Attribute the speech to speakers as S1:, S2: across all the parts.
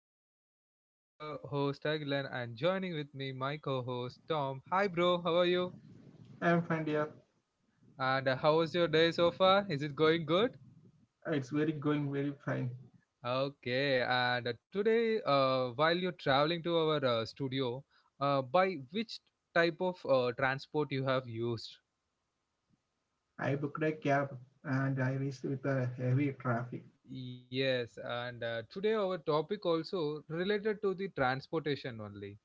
S1: my podcast. This is your host Agilan and joining with me my co-host Tom. Hi bro, how are you?
S2: I'm fine, dear.
S1: And how was your day so far? Is it going good?
S2: It's very going very fine.
S1: Okay, and today while you're traveling to our studio, by which type of transport you have used?
S2: I booked a cab and I reached with a heavy traffic.
S1: Yes, and today our topic also related to the transportation only.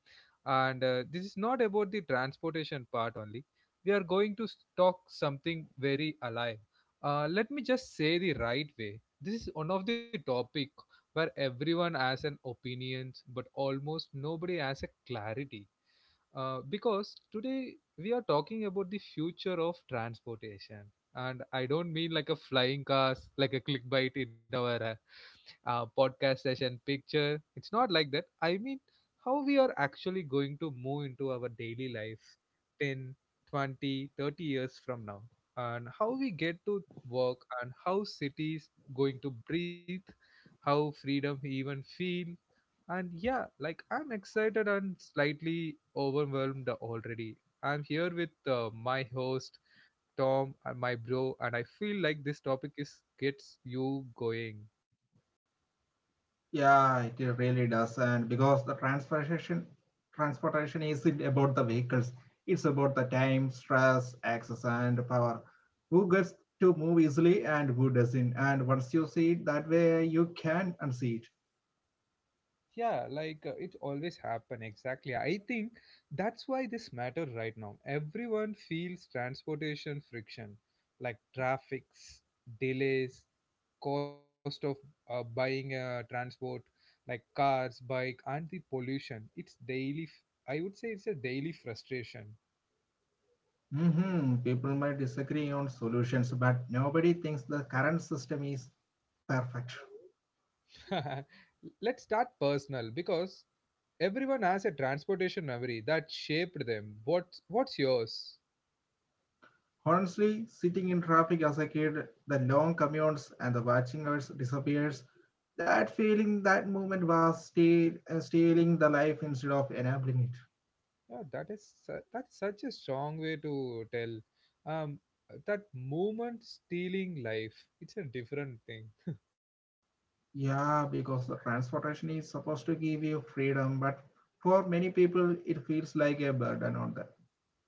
S1: And this is not about the transportation part only. We are going to talk something very alive. Let me just say the right way. This is one of the topic where everyone has an opinions, but almost nobody has a clarity. Because today we are talking about the future of transportation. And I don't mean like a flying cars, like a clickbait in our podcast session picture. It's not like that. I mean, how we are actually going to move into our daily life 10, 20, 30 years from now, and how we get to work, and how cities going to breathe, how freedom even feel. And yeah, like I'm excited and slightly overwhelmed already. I'm here with my host Tom and my bro, and I feel like this topic is gets you going.
S2: Yeah, it really does. And because the transportation isn't about the vehicles, it's about the time, stress, access, and power. Who gets to move easily and who doesn't. And once you see it that way, you can unsee it.
S1: Yeah, like it always happen exactly. I think that's why this matter right now. Everyone feels transportation friction, like traffics, delays, cost of buying a transport, like cars, bike, and the pollution. It's daily. I would say it's a daily frustration.
S2: People might disagree on solutions, but nobody thinks the current system is perfect.
S1: Let's start personal because everyone has a transportation memory that shaped them. What's yours?
S2: Honestly, sitting in traffic as a kid, the long commutes and the watching us disappears, that feeling, that moment was stealing the life instead of enabling it.
S1: Yeah, that's such a strong way to tell. Um, that moment stealing life, it's a different thing.
S2: Yeah, because the transportation is supposed to give you freedom, but for many people, it feels like a burden on them.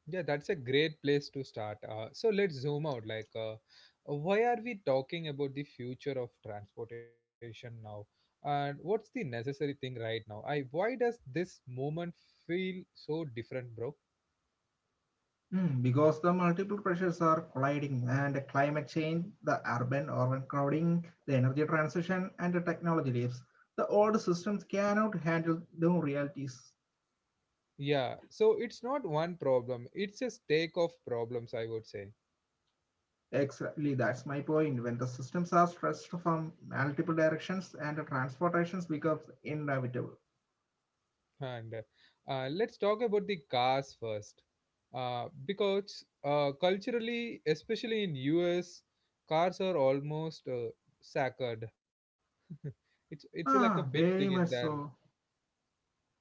S1: Yeah, that's a great place to start. So let's zoom out. Like, why are we talking about the future of transportation now? And what's the necessary thing right now? I Why does this moment feel so different, bro?
S2: Because the multiple pressures are colliding, and the climate change, the urban overcrowding, the energy transition, and the technology leaves. The old systems cannot handle the realities.
S1: Yeah, so it's not one problem. It's a stake of problems, I would say.
S2: Exactly, that's my point. When the systems are stressed from multiple directions and the transportations becomes inevitable.
S1: And let's talk about the cars first, because culturally, especially in US, cars are almost sacred. It's like a big
S2: Ah,
S1: thing in
S2: very much
S1: there.
S2: so.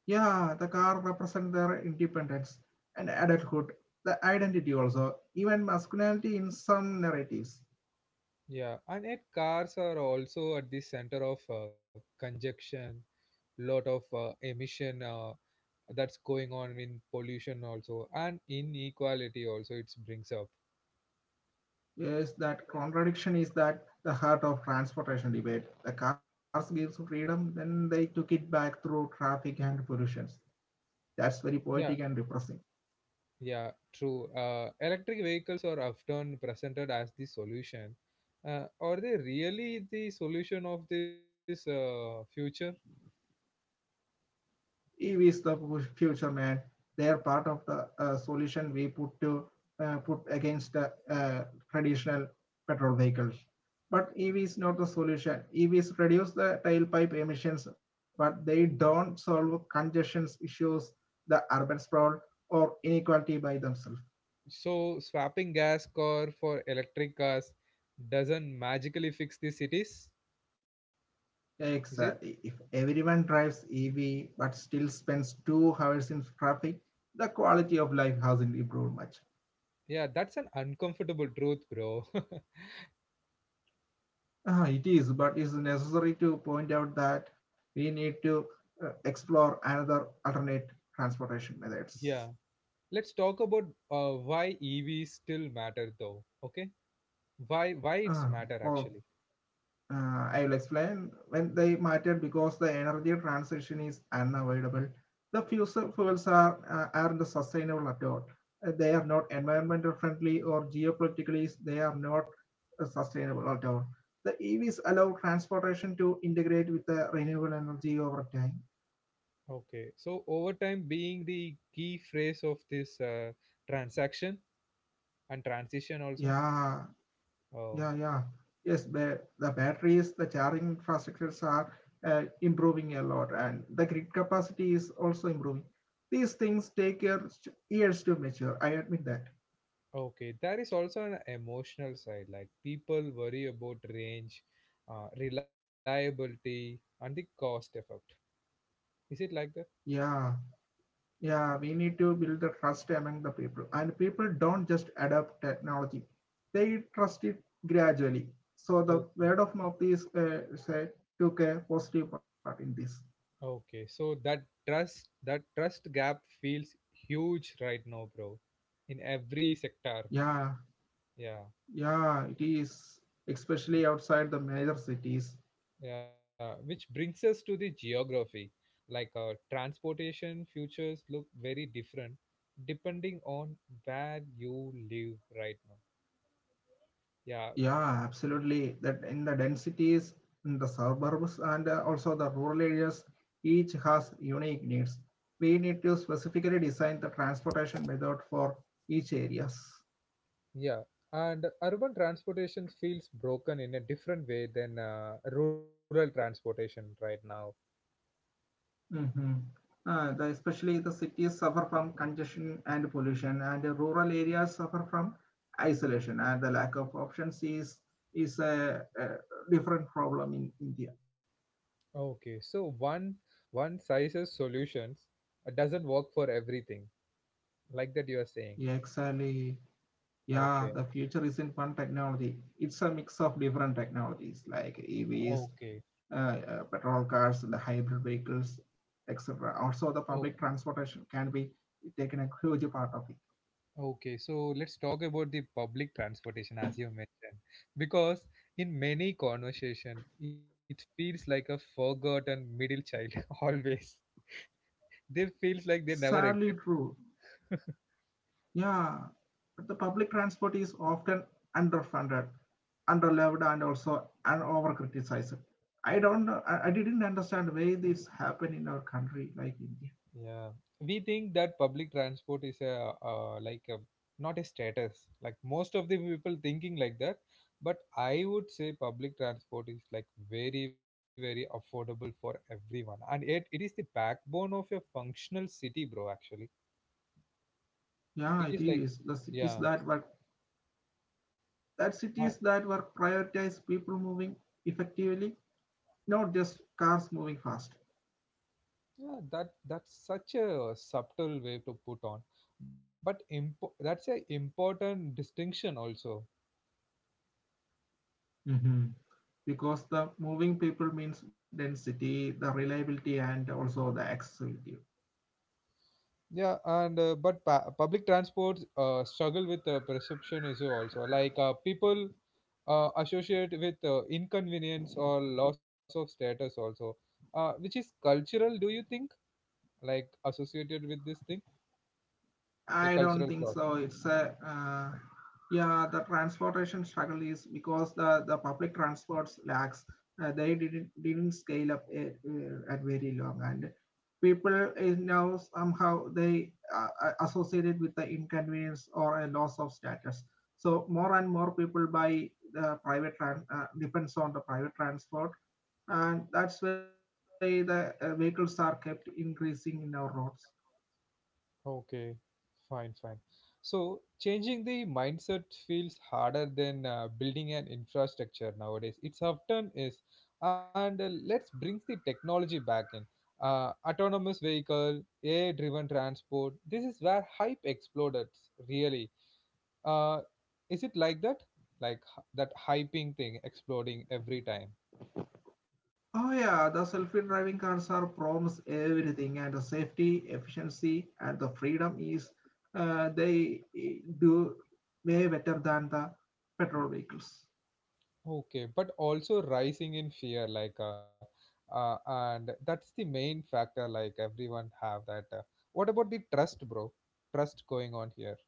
S2: Yeah, the car represent their independence and adulthood, the identity also, even masculinity in some narratives.
S1: Yeah, and yet cars are also at the center of congestion, lot of emission that's going on in pollution also, and inequality also it brings up.
S2: Yes, that contradiction is that the heart of transportation debate. The cars gives freedom, then they took it back through traffic and pollutions. That's very poetic
S1: Yeah,
S2: and depressing.
S1: Yeah, true. Electric vehicles are often presented as the solution. Are they really the solution of this future?
S2: EV is the future, man. They are part of the solution we put to put against the traditional petrol vehicles. But EV is not the solution. EVs reduce the tailpipe emissions, but they don't solve congestion issues, the urban sprawl, or inequality by themselves.
S1: So, swapping gas car for electric cars doesn't magically fix the cities, is it?
S2: Exactly. If everyone drives EV but still spends 2 hours in traffic, the quality of life hasn't improved much.
S1: Yeah, that's an uncomfortable truth, bro.
S2: Ah, it is, but it's necessary to point out that we need to explore another alternate transportation
S1: yeah,
S2: methods.
S1: let's talk about why EVs still matter, though. Okay, why it's
S2: Uh,
S1: matter
S2: or
S1: actually.
S2: I will explain when they matter because the energy transition is unavoidable. The fossil fuels are aren't sustainable at all. They are not environmental friendly or geopolitically. They are not sustainable at all. The EVs allow transportation to integrate with the renewable energy over time.
S1: Okay, so overtime being the key phrase of this transaction and transition also.
S2: Yeah,
S1: Oh,
S2: Yeah, yeah. Yes, the batteries, the charging infrastructures are improving a lot, and the grid capacity is also improving. These things take years, years to mature. I admit that.
S1: okay. There is also an emotional side, like people worry about range, reliability, and the cost effect. Is it like that?
S2: Yeah, yeah. We need to build the trust among the people, and people don't just adopt technology; they trust it gradually. So the
S1: Okay,
S2: word of mouth is said took a positive part in this.
S1: okay. So that trust gap feels huge right now, bro, in every sector.
S2: Yeah,
S1: Yeah.
S2: yeah. It is especially outside the major cities.
S1: Yeah, which brings us to the geography. Like transportation futures look very different depending on where you live right now. Yeah,
S2: Yeah, absolutely. That in the densities, in the suburbs, and also the rural areas, each has unique needs. We need to specifically design the transportation method for each areas.
S1: yeah. And urban transportation feels broken in a different way than rural transportation right now.
S2: hmm Especially the cities suffer from congestion and pollution, and the rural areas suffer from isolation, and the lack of options is a different problem in India.
S1: Okay, so one size's solutions doesn't work for everything, like that you are saying.
S2: Yeah, exactly. Yeah,
S1: Okay,
S2: the future isn't one technology. It's a mix of different technologies like EVs,
S1: okay.
S2: petrol cars, the hybrid vehicles, etc. Also, the public transportation can be taken a huge part of it.
S1: Okay, so let's talk about the public transportation as you mentioned, because in many conversation, it feels like a forgotten middle child always. They feels like they never exist.
S2: Sadly, true. Yeah, but the public transport is often underfunded, underloved, and also and overcriticized. I don't I didn't understand why this happened in our country like India.
S1: Yeah, we think that public transport is a like a not a status. Like most of the people thinking like that, but I would say public transport is like very very affordable for everyone, and it is the backbone of a functional city, bro. Actually,
S2: Yeah, it
S1: it
S2: is.
S1: is
S2: The
S1: like,
S2: cities that were
S1: yeah,
S2: That cities that
S1: I-
S2: were prioritized people moving effectively, not just cars moving fast.
S1: yeah, that's such a subtle way to put on, but that's a important distinction also.
S2: Mm-hmm. Because the moving people means density, the reliability, and also the accessibility.
S1: Yeah, and but public transport struggle with perception issue also. Like people associate with inconvenience or loss of status also, which is cultural. Do you think like associated with this thing, a
S2: I don't
S1: cultural
S2: think
S1: clause?
S2: so. The transportation struggle is because the public transports lacks. They didn't scale up it, at very long, and people is now somehow they associated with the inconvenience or a loss of status. So more and more people buy the private trans depends on the private transport, and that's why the vehicles are kept increasing in our roads.
S1: Okay, fine, fine. So changing the mindset feels harder than building an infrastructure nowadays. It's often is, and let's bring the technology back in. Autonomous vehicle, AI-driven transport. This is where hype exploded. Really, uh, is it like that? Like that hyping thing exploding every time.
S2: Oh yeah, the self-driving cars are promise everything and the safety, efficiency, and the freedom is do way better than the petrol vehicles.
S1: Okay, but also rising in fear, like, and that's the main factor. Like everyone have that. What about the trust, bro? Trust going on here.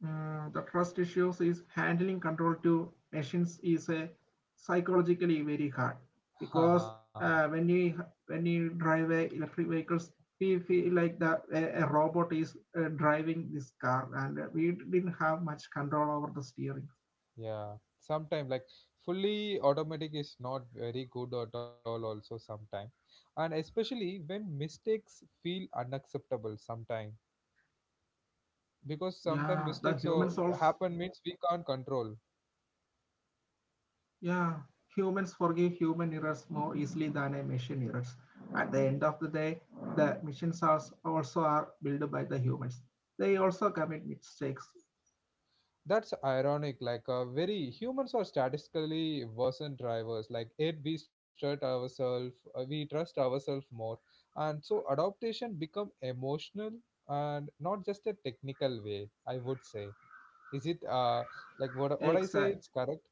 S2: The trust issues is handling control to machines is a psychologically very hard because
S1: Haha,
S2: uh, when we when we drive a electric vehicles, we feel like a robot is driving this car and we didn't have much control over the steering.
S1: yeah. Sometime like fully automatic is not very good at all. Also sometime, and especially when mistakes feel unacceptable sometime because
S2: Yeah,
S1: sometimes
S2: the
S1: mistakes
S2: humans
S1: or
S2: also,
S1: happen means we can't control.
S2: yeah, humans forgive human errors more easily than a machine errors. At the end of the day, the machines are also are built by the humans. They also commit mistakes,
S1: That's ironic. Like, very humans are statistically worse than drivers. Like, it we trust ourselves more, and so adaptation become emotional and not just a technical way. I would say, is it like
S2: ex-
S1: what I say? It's correct.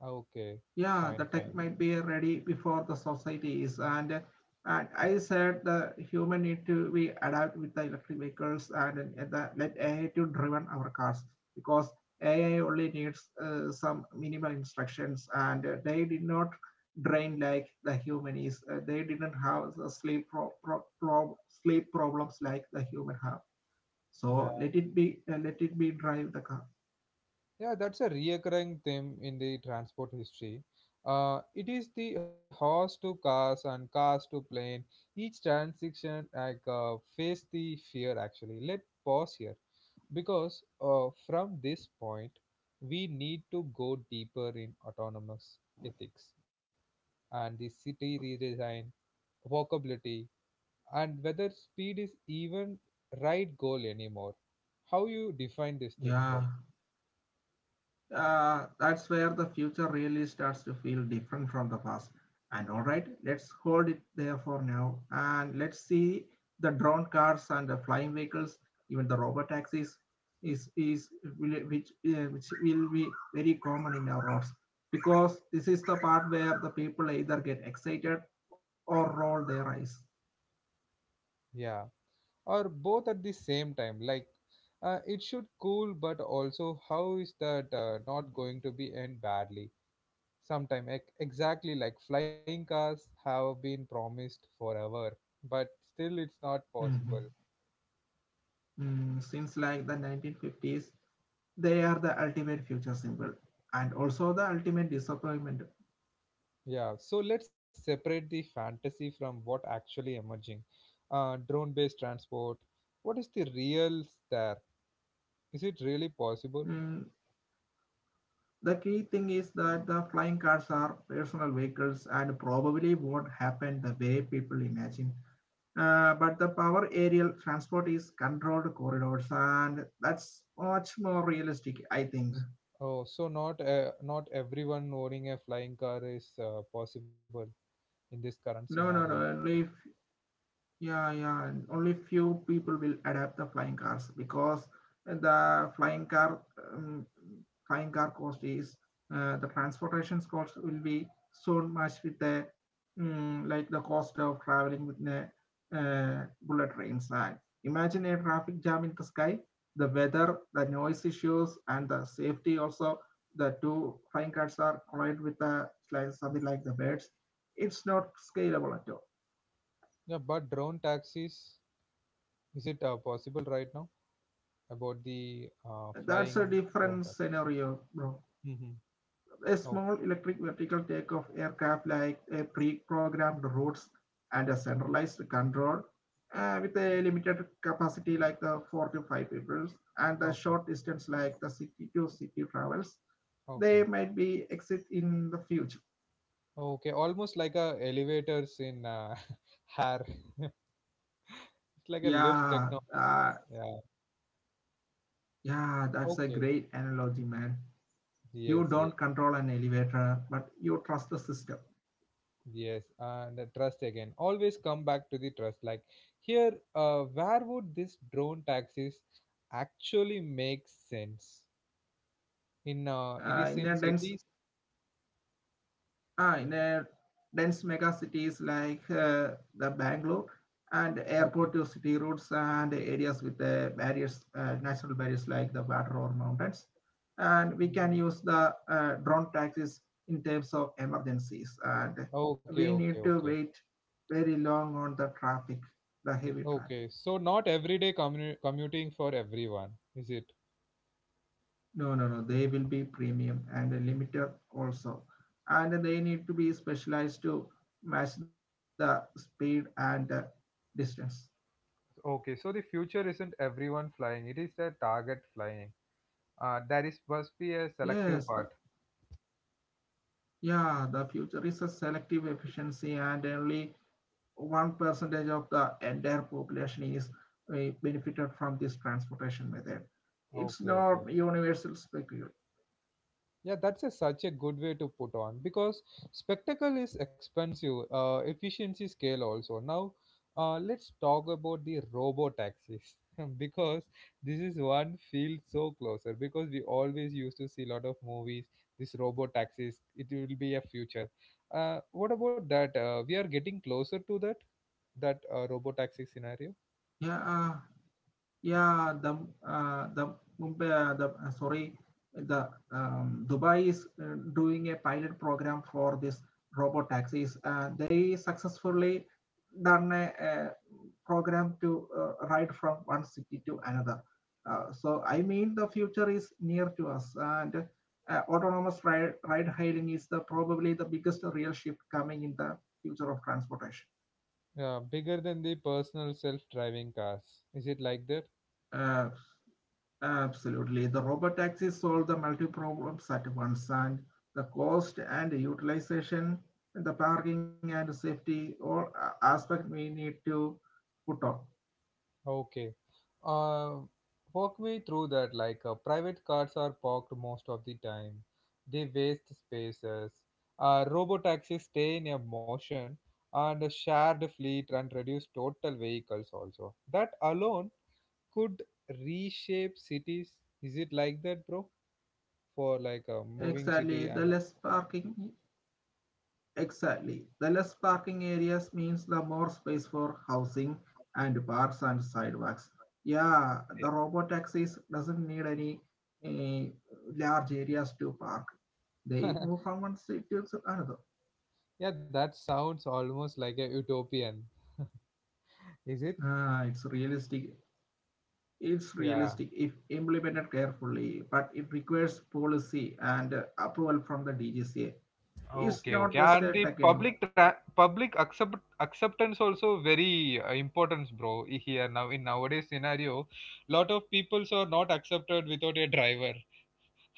S1: Okay,
S2: Yeah, the
S1: fine,
S2: tech
S1: fine.
S2: might be ready before the society is, and I said the human need to be adapt with the electric vehicles and the, let AI to driven our cars because AI only needs some minimal instructions and they did not drain like the human is. They didn't have the sleep problems like the human have.
S1: Yeah,
S2: So let it be drive the car.
S1: yeah. That's a reoccurring theme in the transport history. It is the horse to cars and cars to plane. Each transition like face the fear actually. Let pause here because from this point we need to go deeper in autonomous ethics and the city redesign, walkability, and whether speed is even right goal anymore. How you define this thing, bro?
S2: Yeah, that's where the future really starts to feel different from the past. And all right, let's hold it there for now. And let's see the drone cars and the flying vehicles, even the robot taxis, is will- which will be very common in our roads because this is the part where the people either get excited or roll their eyes.
S1: Yeah. Or both at the same time like it should cool but also how is that not going to be end badly sometime ex exactly like flying cars have been promised forever but still it's not
S2: Mhm.
S1: possible.
S2: Mm, since like the 1950s, they are the ultimate future symbol and also the ultimate disappointment.
S1: Yeah, so let's separate the fantasy from what actually emerging, drone based transport. What is the real there? Is it really possible?
S2: Mm, the key thing is that the flying cars are personal vehicles and probably won't happen the way people imagine. But the power aerial transport is controlled corridors, and that's much more realistic, I think.
S1: S- oh, so not everyone owning a flying car is possible in this current
S2: No,
S1: scenario.
S2: no, no. If Yeah, yeah. and Only few people will adapt the flying cars because the um, flying car cost is the transportation cost will be so much with the like the cost of traveling with the bullet trains. And imagine a traffic jam in the sky, the weather, the noise issues, and the safety also. The two flying cars are collide with the like something like the birds. It's not scalable at all.
S1: Yeah, but drone taxis, is it possible right now about the
S2: That's
S1: flying
S2: a
S1: drone
S2: different
S1: taxi?
S2: scenario, bro.
S1: Mm-hmm.
S2: A small
S1: Okay,
S2: electric vertical takeoff aircraft like a pre-programmed routes and a centralized control with a limited capacity like the four to five people and the
S1: okay,
S2: short distance like the city to city travels, they
S1: okay,
S2: might be exit in the future.
S1: okay. Almost like a elevators in hair. It's like a lift
S2: Yeah,
S1: technology.
S2: uh,
S1: Yeah.
S2: yeah, that's a
S1: Okay.
S2: great analogy, man. You
S1: Yes,
S2: don't
S1: yes,
S2: control an elevator, but you trust the system.
S1: yes. And the trust again. Always come back to the trust. Like here, where would this drone taxis actually make sense? In It
S2: Uh,
S1: is
S2: in a
S1: in
S2: dense
S1: cities.
S2: in a dense mega cities like the Bangalore and airport
S1: Okay.
S2: to city routes and areas with the barriers, natural barriers like the water or mountains. And we can use the drone taxis in terms of emergencies. And
S1: Okay,
S2: we
S1: okay,
S2: need to
S1: okay.
S2: wait very long on the traffic, the heavy traffic.
S1: Okay, so not everyday commuting for everyone, is it?
S2: No, no, no. They will be premium and limited also. And they need to be specialized to match the speed and distance.
S1: Okay, so the future isn't everyone flying, it is the target flying. There is must be a selective
S2: Yes,
S1: part.
S2: the, yeah, the future is a selective efficiency and only one percentage of the entire population is benefited from this transportation method. It's
S1: Okay, okay.
S2: not universal specul.
S1: Yeah, that's such a good way to put on because spectacle is expensive, efficiency scale also. Now, let's talk about the robo taxis because this is one field so closer because we always used to see a lot of movies. This robo taxis, it will be a future. What about that? We are getting closer to that robo taxi scenario.
S2: Yeah, yeah, the the Mumbai, uh, the uh, sorry, Dubai is doing a pilot program for this robot taxis. They successfully done a program to ride from one city to another. So I mean the future is near to us and ride hailing is the probably the biggest real shift coming in the future of transportation.
S1: Yeah, bigger than the personal self-driving cars. Is it like that?
S2: Uh, absolutely. The robot taxis solve the multi problems at once and the cost and the utilization, the parking and safety all aspect we need to put on.
S1: Okay. Uh, Walk me through that. Like private cars are parked most of the time. They waste spaces. Robo taxis stay in a motion, and a shared fleet and reduce total vehicles also. That alone could reshape cities. Is it like that, bro? For like a moving
S2: Exactly.
S1: city
S2: The
S1: and
S2: less parking Exactly. The less parking areas means the more space for housing and parks and sidewalks. Yeah, the robot taxis doesn't need any eh, large areas to park. They move from one city to another.
S1: yeah, that sounds almost like a utopian. Is it?
S2: Ah, it's realistic. It's
S1: Yeah.
S2: realistic if implemented carefully, but it requires policy and approval from the DGCA. It's
S1: Okay, okay,
S2: not just
S1: and
S2: a
S1: the
S2: tech anymore.
S1: public public acceptance also very important, bro. Here now in nowadays scenario, lot of peoples are not accepted without a driver,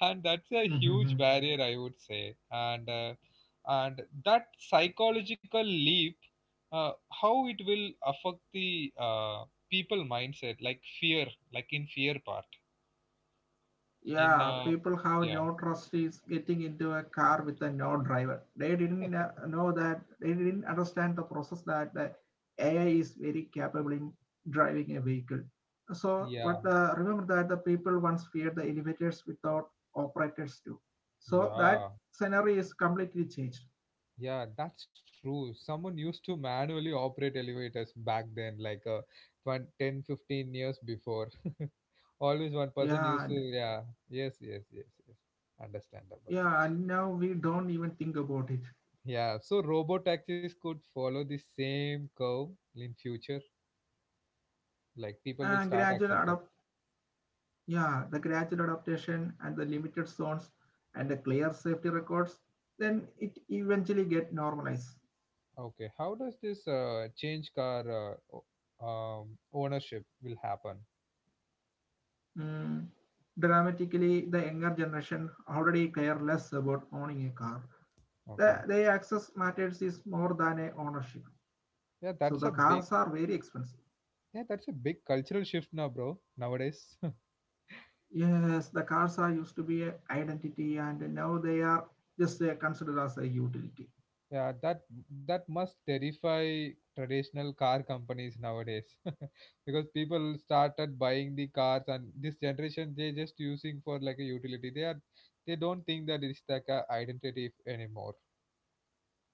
S1: and that's a huge barrier, I would say. And that psychological leap, uh, how it will affect the people mindset, like fear, like in fear part, in
S2: Yeah, people have
S1: yeah,
S2: no trust is getting into a car with a no driver. They didn't know that they didn't understand the process that the AI is very capable in driving a vehicle. So, but
S1: yeah,
S2: remember that the people once feared the elevators without operators too. So that
S1: yeah.
S2: scenario is completely changed.
S1: Yeah, that's true. Someone used to manually operate elevators back then, like 20, 10, 15 years before. Always one person
S2: Yeah,
S1: used to, yeah. Yes, yes, yes, yes. Understandable.
S2: yeah, and now we don't even think about it.
S1: Yeah, so robo taxis could follow the same curve in future. Like people
S2: And
S1: will start
S2: gradual
S1: accept that.
S2: Yeah, the gradual adaptation and the limited zones and the clear safety records, then it eventually get normalized.
S1: Okay, how does this change car ownership will happen?
S2: Mm. Dramatically, the younger generation already care less about owning a car.
S1: Okay.
S2: Their access matters is more than a ownership.
S1: Yeah,
S2: So
S1: that's
S2: the
S1: a big
S2: cars are very expensive.
S1: yeah, that's a big cultural shift now, bro, nowadays.
S2: Yes, the cars are used to be an identity and now they are just considered as a utility.
S1: Yeah, that must terrify traditional car companies nowadays because people started buying the cars and this generation they just using for like a utility. They don't think that it's like a identity anymore.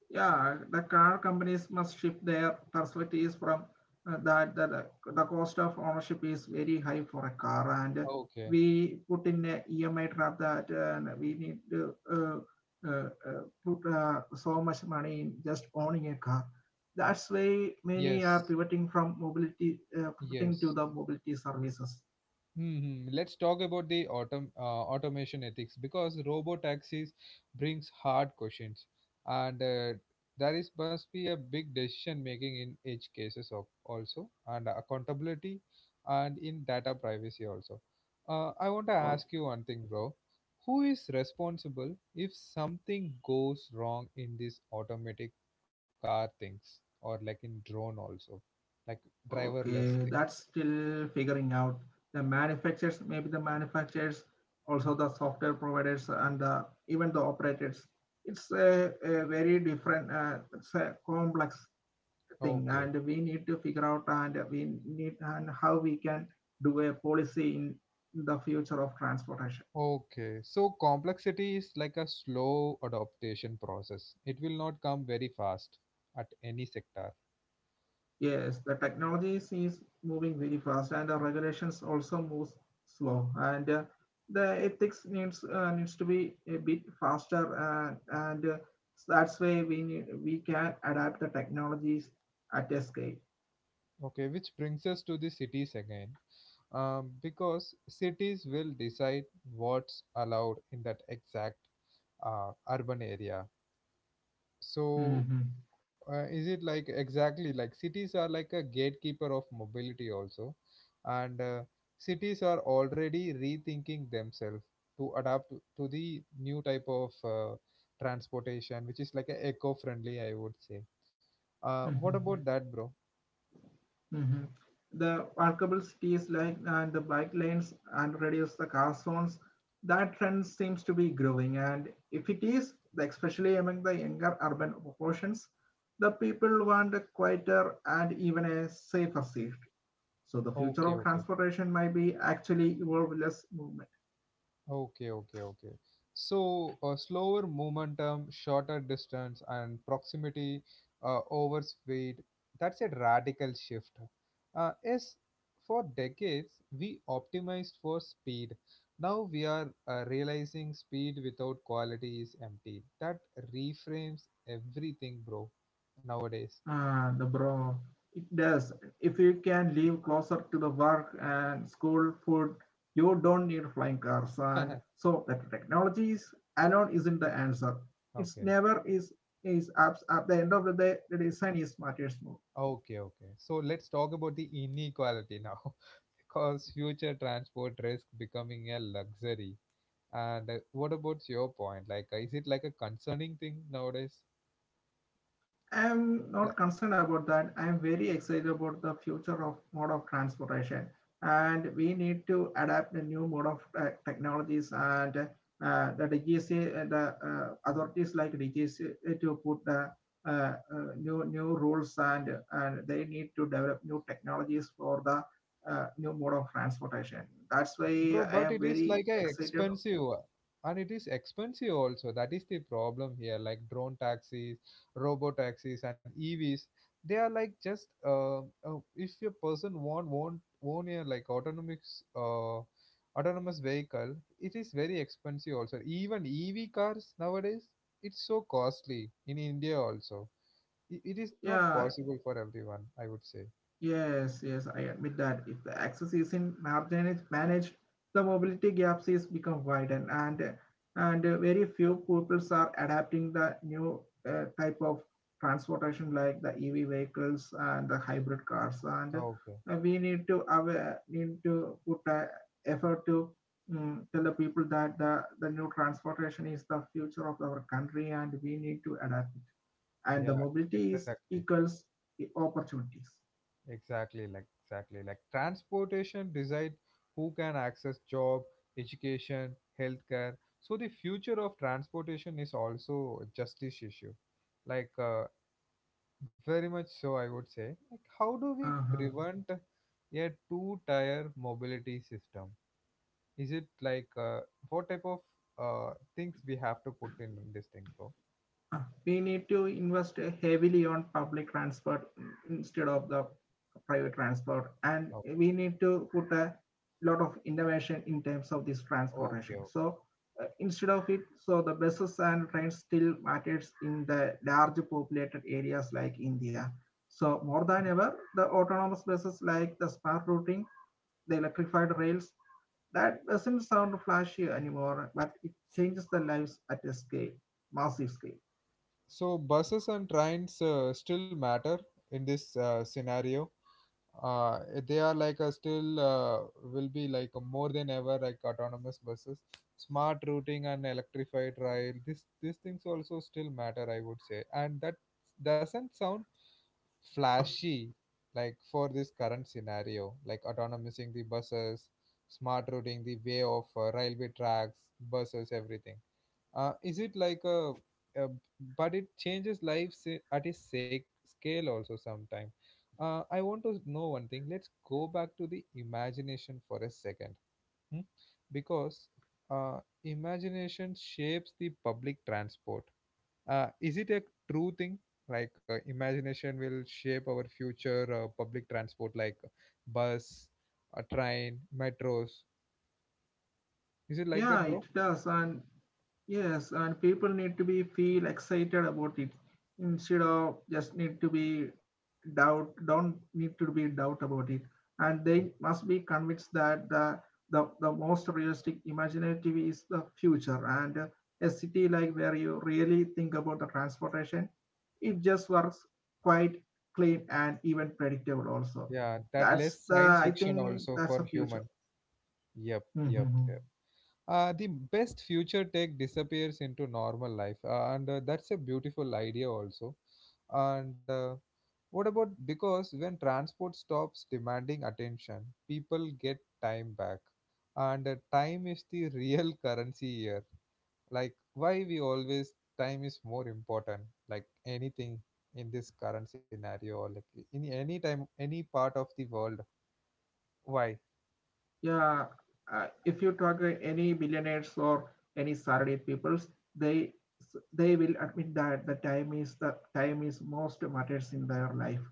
S2: Yeah, the car companies must shift their perspectives from the cost of ownership is very high for a car, and
S1: Okay.
S2: we put in a EMI trap that we need to put so much money in just owning a car. That's why many are
S1: Yes.
S2: pivoting from mobility, pivoting to
S1: Yes.
S2: the mobility services.
S1: Hmm. Hmm. Let's talk about the automation ethics because robo taxis brings hard questions, and there is must be a big decision making in edge cases of also and accountability, and in data privacy also. I want to ask you one thing, bro. Who is responsible if something goes wrong in these automatic car things or like in drone also, like driverless
S2: Okay,
S1: thing?
S2: that's still figuring out. The manufacturers, maybe the manufacturers, also the software providers, and the, even the operators. It's a very different, it's a complex thing,
S1: Okay.
S2: and we need to figure out and we need and how we can do a policy in the future of transportation.
S1: Okay, so complexity is like a slow adaptation process. It will not come very fast at any sector.
S2: Yes, the technology is moving very fast, and the regulations also moves slow. And the ethics needs needs to be a bit faster, and so that's why we need, we can adapt the technologies at a scale.
S1: Okay, which brings us to the cities again. Because cities will decide what's allowed in that exact urban area. So
S2: Mhm.
S1: is it like exactly like cities are like a gatekeeper of mobility also and cities are already rethinking themselves to adapt to the new type of transportation which is like a eco friendly I would say, what about
S2: Mhm.
S1: that, bro?
S2: Hmm. The workable cities like and the bike lanes and reduce the car zones. That trend seems to be growing, and if it is, especially among the younger urban populations, the people want a quieter and even a safer city. So the future
S1: Okay,
S2: of
S1: okay.
S2: transportation might be actually evolve less movement.
S1: Okay, okay, okay. So a slower momentum, shorter distance, and proximity over speed. That's a radical shift. Yes, for decades we optimized for speed. Now we are realizing speed without quality is empty. That reframes everything, bro. Nowadays.
S2: Ah, the bro. It does. If you can live closer to the work and school food, you don't need flying cars. And so that technologies alone isn't the answer. It's
S1: okay.
S2: never is is at the end of the day the design is matters more.
S1: Okay, okay. So let's talk about the inequality now, because future transport risk becoming a luxury. And what about your point? Like, is it like a concerning thing nowadays?
S2: I'm
S1: Like,
S2: not concerned about that. I'm very excited about the future of mode of transportation, and we need to adapt the new mode of technologies and the DGC, the authorities like DGC to put the uh, uh, new rules and they need to develop new technologies for the new mode of transportation. That's why
S1: bro,
S2: I
S1: but
S2: am
S1: it is
S2: very
S1: like a
S2: excited.
S1: expensive and it is expensive also, that is the problem here, like drone taxis, robo taxis and evs. They are like just if a person want own a like autonomous autonomous vehicle, it is very expensive also. Even ev cars nowadays, it's so costly in india also. It is not
S2: Yeah,
S1: possible for everyone, I would say.
S2: Yes, yes, I admit that if the access isn't managed, the mobility gaps is become widened, and very few pupils are adapting the new type of transportation like the EV vehicles and the hybrid cars, and
S1: Okay,
S2: we need to aware, need to put effort to tell the people that the new transportation is the future of our country, and we need to adapt it, and the
S1: yeah,
S2: mobility is
S1: exactly.
S2: equals the opportunities.
S1: Exactly like transportation decide who can access job, education, healthcare. So the future of transportation is also a justice issue. Like very much so, I would say. Like how do we
S2: Uh huh.
S1: prevent a two-tier mobility system? Is it like what type of things we have to put in this thing, bro?
S2: Uh, we need to invest heavily on public transport instead of the private transport, and
S1: Okay,
S2: we need to put a lot of innovation in terms of this transportation
S1: okay, okay.
S2: so instead of it, so the buses and trains still matters in the large populated areas like India. So more than ever the autonomous buses, like the smart routing, the electrified rails, that doesn't sound flashy anymore, but it changes the lives at a scale, massive scale.
S1: So buses and trains still matter in this scenario. uh, they are like a still will be like a more than ever like autonomous buses, smart routing and electrified rail. This These things also still matter, I would say, and that doesn't sound flashy, like for this current scenario, like autonomizing the buses, smart routing, the way of railway tracks, buses, everything. Is it like a but it changes lives at a sec scale also sometime. I want to know one thing. Let's go back to the imagination for a second, hmm? Because imagination shapes the public transport. Is it a true thing? Like imagination will shape our future public transport, like bus, a train, metros. Is it like
S2: Yeah,
S1: that, bro?
S2: it does. And yes, and people need to be feel excited about it instead of just need to be doubt, don't need to be doubt about it. And they must be convinced that the most realistic imaginative is the future. And a city like where you really think about the transportation, it just works quite clean and even predictable also.
S1: Yeah, that
S2: That's
S1: less
S2: the
S1: science
S2: I
S1: fiction
S2: think
S1: also
S2: that's
S1: for
S2: the future.
S1: human. Yep, yep, yep. The best future tech disappears into normal life, and that's a beautiful idea also. And what about, because when transport stops demanding attention, people get time back, and time is the real currency here. Like, why we always time is more important, like anything in this current scenario or like in any time, any part of the world. Why?
S2: Yeah, if you talk any billionaires or any Saturday peoples, they they will admit that the time is most matters in their life.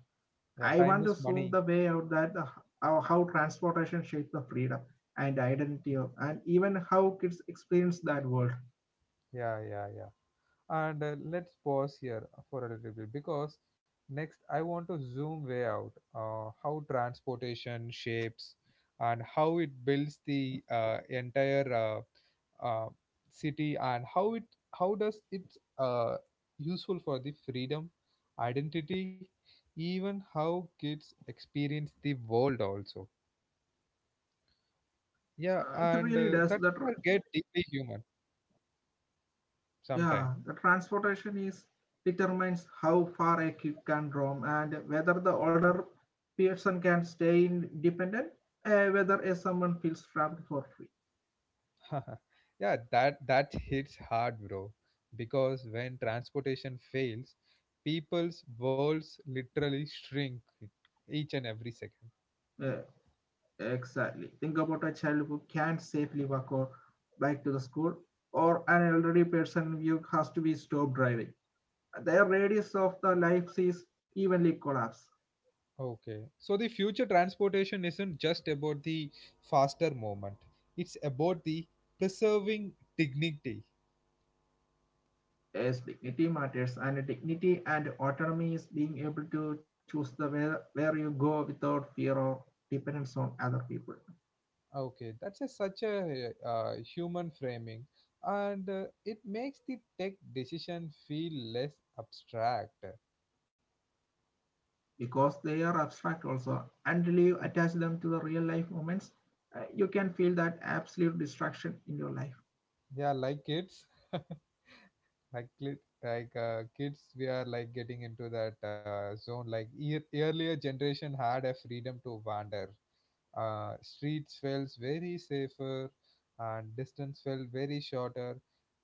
S1: Yeah,
S2: I
S1: time
S2: want
S1: is
S2: to zoom
S1: money.
S2: the way out that the, how transportation shapes the freedom and identity of, and even how kids experience that world.
S1: Yeah, yeah, yeah. And let's pause here for a little bit because next I want to zoom way out how transportation shapes and how it builds the entire uh, city and how does it uh, useful for the freedom, identity, even how kids experience the world also. Yeah,
S2: It
S1: and
S2: really does
S1: that
S2: that.
S1: will get deeply human
S2: Yeah,
S1: sometime.
S2: the transportation is determines how far a kid can roam and whether the older person can stay independent, whether a someone feels trapped for free.
S1: yeah, that that hits hard, bro. Because when transportation fails, people's worlds literally shrink each and every second.
S2: Uh, exactly. Think about a child who can't safely walk or bike to the school, or an elderly person who has to be stopped driving. Their radius of the life is evenly collapsed.
S1: Okay. So the future transportation isn't just about the faster movement. It's about the preserving dignity.
S2: Yes, dignity matters, and dignity and autonomy is being able to choose the where you go without fear or dependence on other people.
S1: Okay, that's a such a human framing, and it makes the tech decision feel less abstract.
S2: Because they are abstract also, until you
S1: Mm.
S2: attach them to the real life moments, you can feel that absolute distraction in your life.
S1: Yeah, like kids. like like kids, we are like getting into that zone. Like earlier generation had a freedom to wander. Streets felt very safer and distance felt very shorter,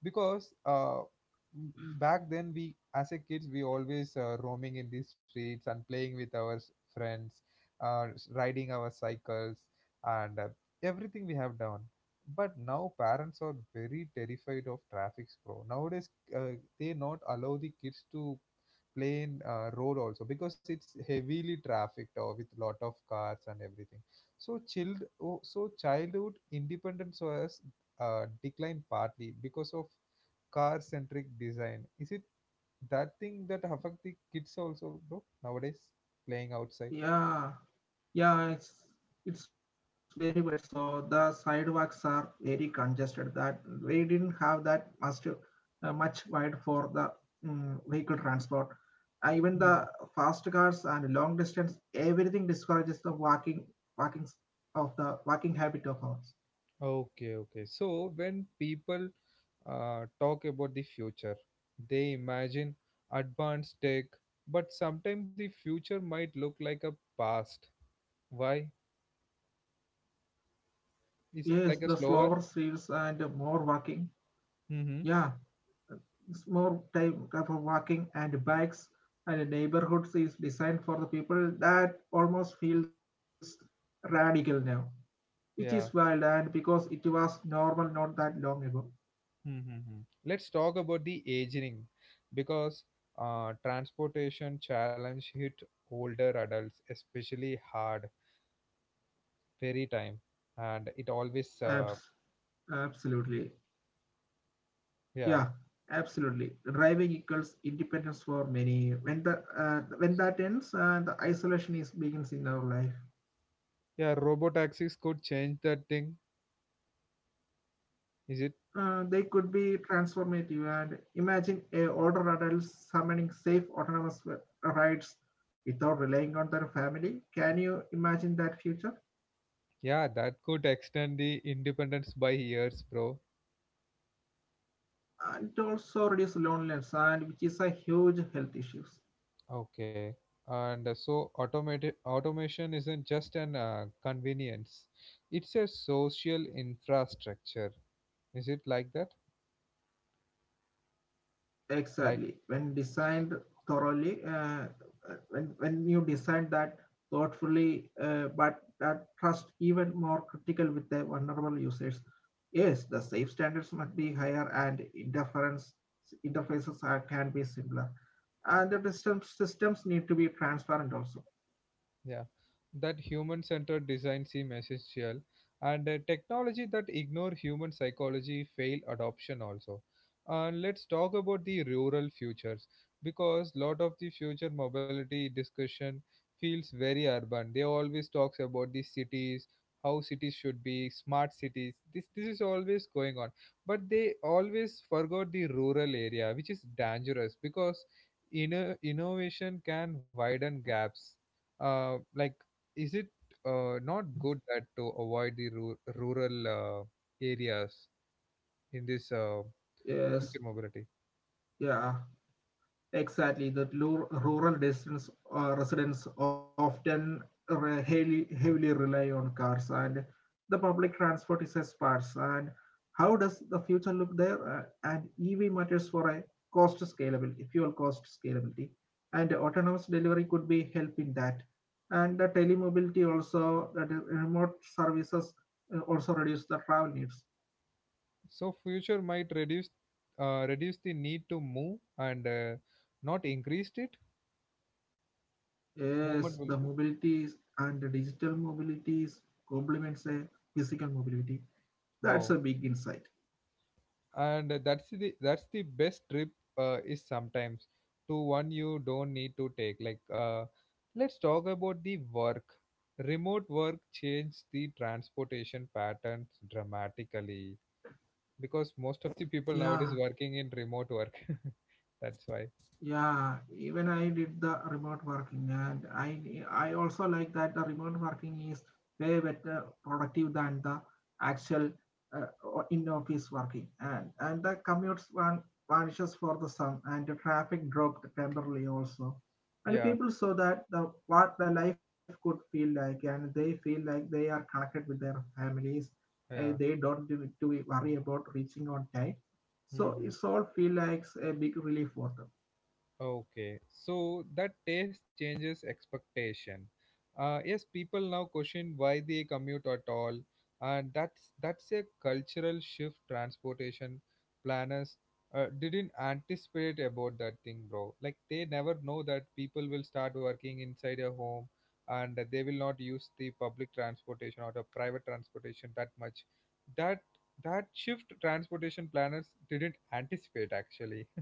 S1: because back then we as a kids we always roaming in the streets and playing with our friends, riding our cycles and everything we have done. But now parents are very terrified of traffic, bro, nowadays. uh, they not allow the kids to play in road also, because it's heavily trafficked or with lot of cars and everything. So childhood independence was declined partly because of car centric design. Is it that thing that affect the kids also, bro, nowadays, playing outside?
S2: Yeah. Yeah, it's it's very much so. The sidewalks are very congested. That we didn't have that much wide for the vehicle transport. Even
S1: Mhm.
S2: the fast cars and long distance, everything discourages the walking walking s- of the walking habit of ours.
S1: Okay, okay. So when people talk about the future. They imagine advanced tech, but sometimes the future might look like a past. Why? Is it
S2: Yes,
S1: like
S2: the
S1: a
S2: slower
S1: slower?
S2: streets and more walking.
S1: Mm-hmm.
S2: Yeah, it's more time for walking and bikes and neighborhoods is designed for the people that almost feels radical now, which
S1: Yeah.
S2: is wild and because it was normal not that long ago.
S1: Mm-hmm. Let's talk about the aging, because transportation challenge hit older adults especially hard very time, and it always
S2: Abs- absolutely. Yeah,
S1: yeah.
S2: absolutely. Driving equals independence for many. When the when that ends, the isolation is begins in our life.
S1: Yeah, robo taxis could change that thing, is it?
S2: They could be transformative, and imagine a older adult summoning safe autonomous rides without relying on their family. Can you imagine that future?
S1: Yeah, that could extend the independence by years, bro.
S2: And it also reduce loneliness, and which is a huge health issue.
S1: Okay. And so automated automation isn't just an convenience; it's a social infrastructure. Is it like that? Like.
S2: Exactly. When designed thoroughly, when you design that thoughtfully, but that trust even more critical with the vulnerable users. Yes, the safe standards must be higher, and interference interfaces are, can be simpler, and the systems need to be transparent also.
S1: Yeah, that human-centered design seem essential, and technology that ignore human psychology fail adoption also. And let's talk about the rural futures, because lot of the future mobility discussion feels very urban. They always talks about the cities, how cities should be, smart cities. This is always going on, but they always forgot the rural area, which is dangerous because innovation can widen gaps like, is it not good that to avoid the rural areas in this
S2: Yes.
S1: future mobility?
S2: Yeah. Exactly, that rural distance residents often heavily, heavily rely on cars, and the public transport is a sparse. And how does the future look there? And EV matters for a cost scalability, fuel cost scalability, and autonomous delivery could be help in that. And the telemobility also, that is remote services also reduce the travel needs.
S1: So future might reduce reduce the need to move and not increased it. Movement
S2: Yes,
S1: will
S2: the
S1: be,
S2: mobilities and the digital mobilities complements a physical mobility. That's
S1: oh,
S2: a big insight.
S1: and that's the best trip, is sometimes to one you don't need to take. Like let's talk about the work. Remote work changed the transportation patterns dramatically because most of the people
S2: Yeah,
S1: nowadays working in remote work. That's why.
S2: yeah, even I did the remote working, and I also like that the remote working is way better productive than the actual in office working, and the commutes vanishes for the sun, and the traffic dropped temporarily also, and
S1: Yeah,
S2: people saw that the what the life could feel like, and they feel like they are connected with their families, and they
S1: yeah.
S2: don't do, do worry about reaching on time. So it's
S1: Hmm.
S2: all feel like a big relief for them.
S1: Okay, so that taste changes expectation. Yes, people now question why they commute at all, and that's a cultural shift. Transportation planners didn't anticipate about that thing, bro. Like, they never know that people will start working inside a home, and they will not use the public transportation or the private transportation that much. That, that shift transportation planners didn't anticipate actually.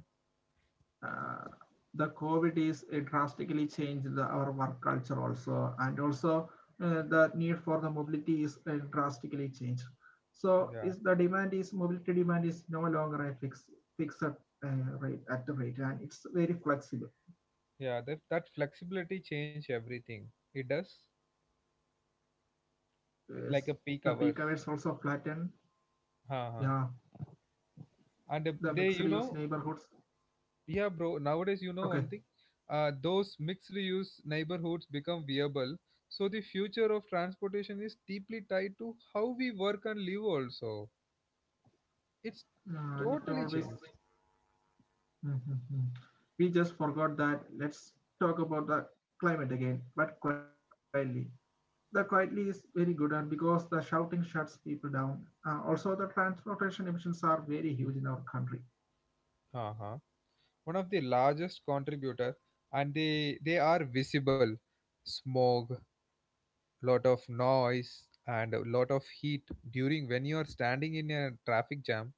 S2: uh, the COVID is drastically changed the, our work culture also, and also the need for the mobility is drastically changed. So is the demand is mobility demand is no longer a fixed rate at the rate, and it's very flexible.
S1: Yeah, that that flexibility change everything. It does,
S2: Yes, the
S1: like a
S2: peak hours
S1: peak
S2: also
S1: hours.
S2: flatten. Yeah,
S1: Huh, huh.
S2: the
S1: And
S2: mixed use neighborhoods.
S1: yeah, bro. Nowadays, you
S2: Okay,
S1: know one thing. Those mixed use neighborhoods become viable. So the future of transportation is deeply tied to how we work and live. Also, it's
S2: it
S1: totally
S2: always.
S1: changed.
S2: Mm-hmm. We just forgot that. Let's talk about the climate again, but quietly. That quietly is very good and because the shouting shuts people down, also the transportation emissions are very huge in our country.
S1: Huh, huh. One of the largest contributor, and they are visible. Smog, lot of noise and a lot of heat during when you are standing in a traffic jam.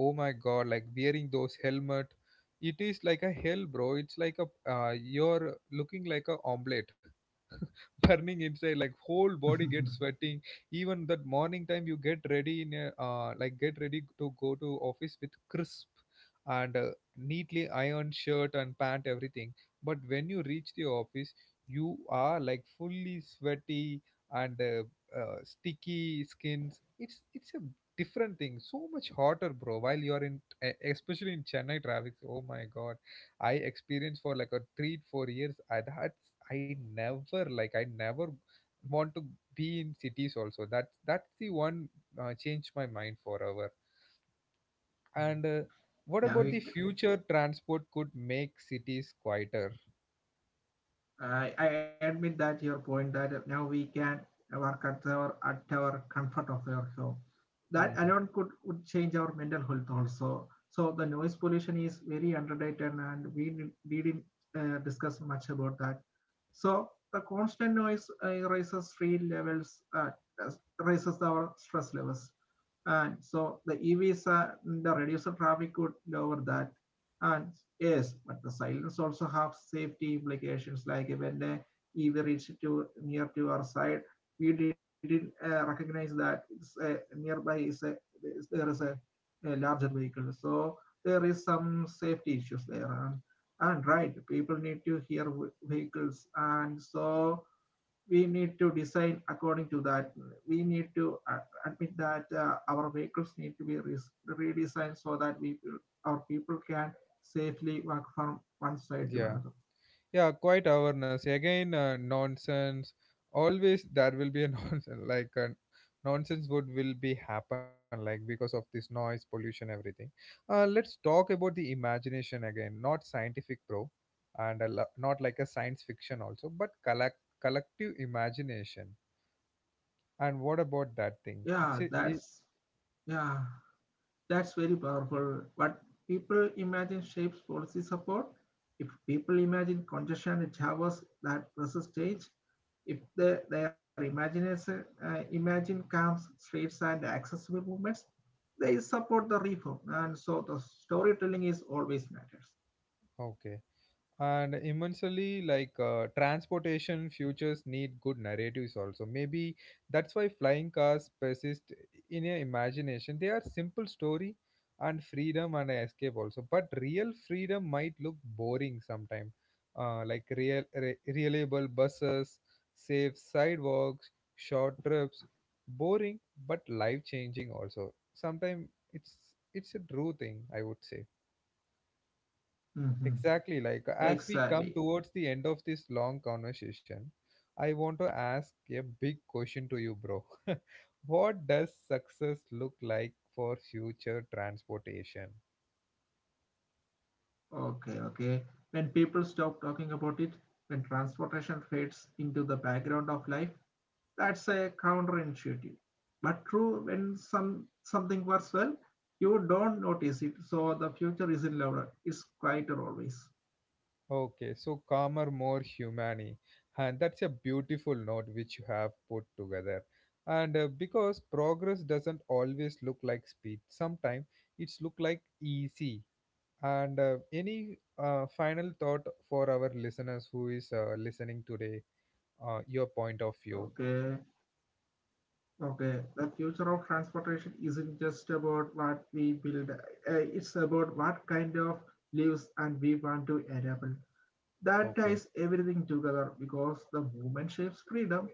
S1: Oh my god, like wearing those helmet, it is like a hell, bro. It's like a you're looking like a omelet, burning inside, like whole body gets sweating. Even that morning time you get ready in a, like get ready to go to office with crisp and neatly ironed shirt and pant, everything. But when you reach the office, you are like fully sweaty and sticky skins. It's a different thing. So much hotter, bro, while you are in, especially in chennai traffic. Oh my god, I experienced for like a 3 4 years I had. I never, like, I never want to be in cities also. That, that's the one changed my mind forever. And what about
S2: yeah,
S1: the
S2: we
S1: future transport could make cities quieter?
S2: I admit that your point that now we can work at our comfort of our home. That
S1: Hmm.
S2: alone could would change our mental health also. So the noise pollution is very underrated, and we didn't discuss much about that. So the constant noise raises street levels, raises our stress levels. And so the EVs, are, the reducer traffic could lower that. And yes, but the silence also have safety implications. Like when the EV reached to near to our side, we didn't recognize that it's a, nearby is a there is a, a larger vehicle. So there is some safety issues there. And right, people need to hear vehicles, and so we need to design according to that. We need to admit that our vehicles need to be redesigned so that we our people can safely walk from one side to another.
S1: Yeah, quite awareness. Again, nonsense. Always there will be a nonsense. Like nonsense would will be happen. Like, because of this noise, pollution, everything. Let's talk about the imagination again. Not scientific, bro, and not like a science fiction also, but collective imagination. And what about that thing?
S2: Yeah,
S1: It's a, it,
S2: that's yeah, that's very powerful. But people imagine shapes policy support. If people imagine congestion and Javas that resist change, if their imagination imagine calm streets and accessible movements, they support the reform. And so the storytelling is always matters.
S1: okay. And immensely, like transportation futures need good narratives also, maybe. That's why flying cars persist in your imagination. They are simple story and freedom and escape also, but real freedom might look boring sometimes. Like reliable buses, safe sidewalks, short trips, boring, but life changing also sometimes. it's it's a true thing, I would say.
S2: Mm-hmm.
S1: Exactly. Like, as we come
S2: Exactly.
S1: towards the end of this long conversation, I want to ask a big question to you, bro. What does success look like for future transportation?
S2: Okay, okay. When people stop talking about it, when transportation fades into the background of life, that's a counterintuitive. But true, when some something works well, you don't notice it. So the future isn't louder; it's quieter always.
S1: Okay, so calmer, more humane. And that's a beautiful note which you have put together. And because progress doesn't always look like speed, sometimes it's look like easy. And any final thought for our listeners who is listening today, your point of view.
S2: Okay. Okay, the future of transportation isn't just about what we build, it's about what kind of lives and we want to enable. That
S1: Okay.
S2: ties everything together because the movement shapes freedom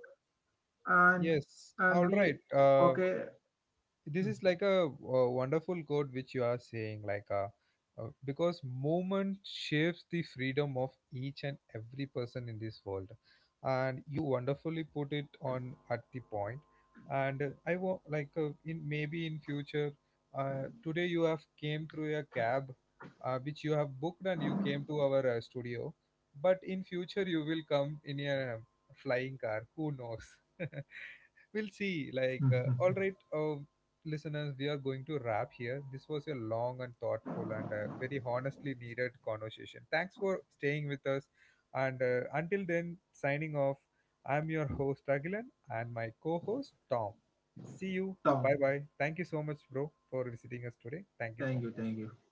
S2: and and
S1: Yes.
S2: we
S1: All right.
S2: okay
S1: This is like a wonderful quote which you are saying, like because movement shapes the freedom of each and every person in this world, and you wonderfully put it on at the point. And I want, like in maybe in future, today you have came through a cab which you have booked, and you came to our studio, but in future you will come in a flying car, who knows? we'll see. Like all right, listeners, we are going to wrap here. This was a long and thoughtful and very honestly needed conversation. Thanks for staying with us, and until then, signing off. I'm your host, Agilan, and my co-host, Tom. See you.
S2: down.
S1: Bye bye. Thank you so much, bro, for visiting us today. Thank you so
S2: Thank you,
S1: much.
S2: thank you.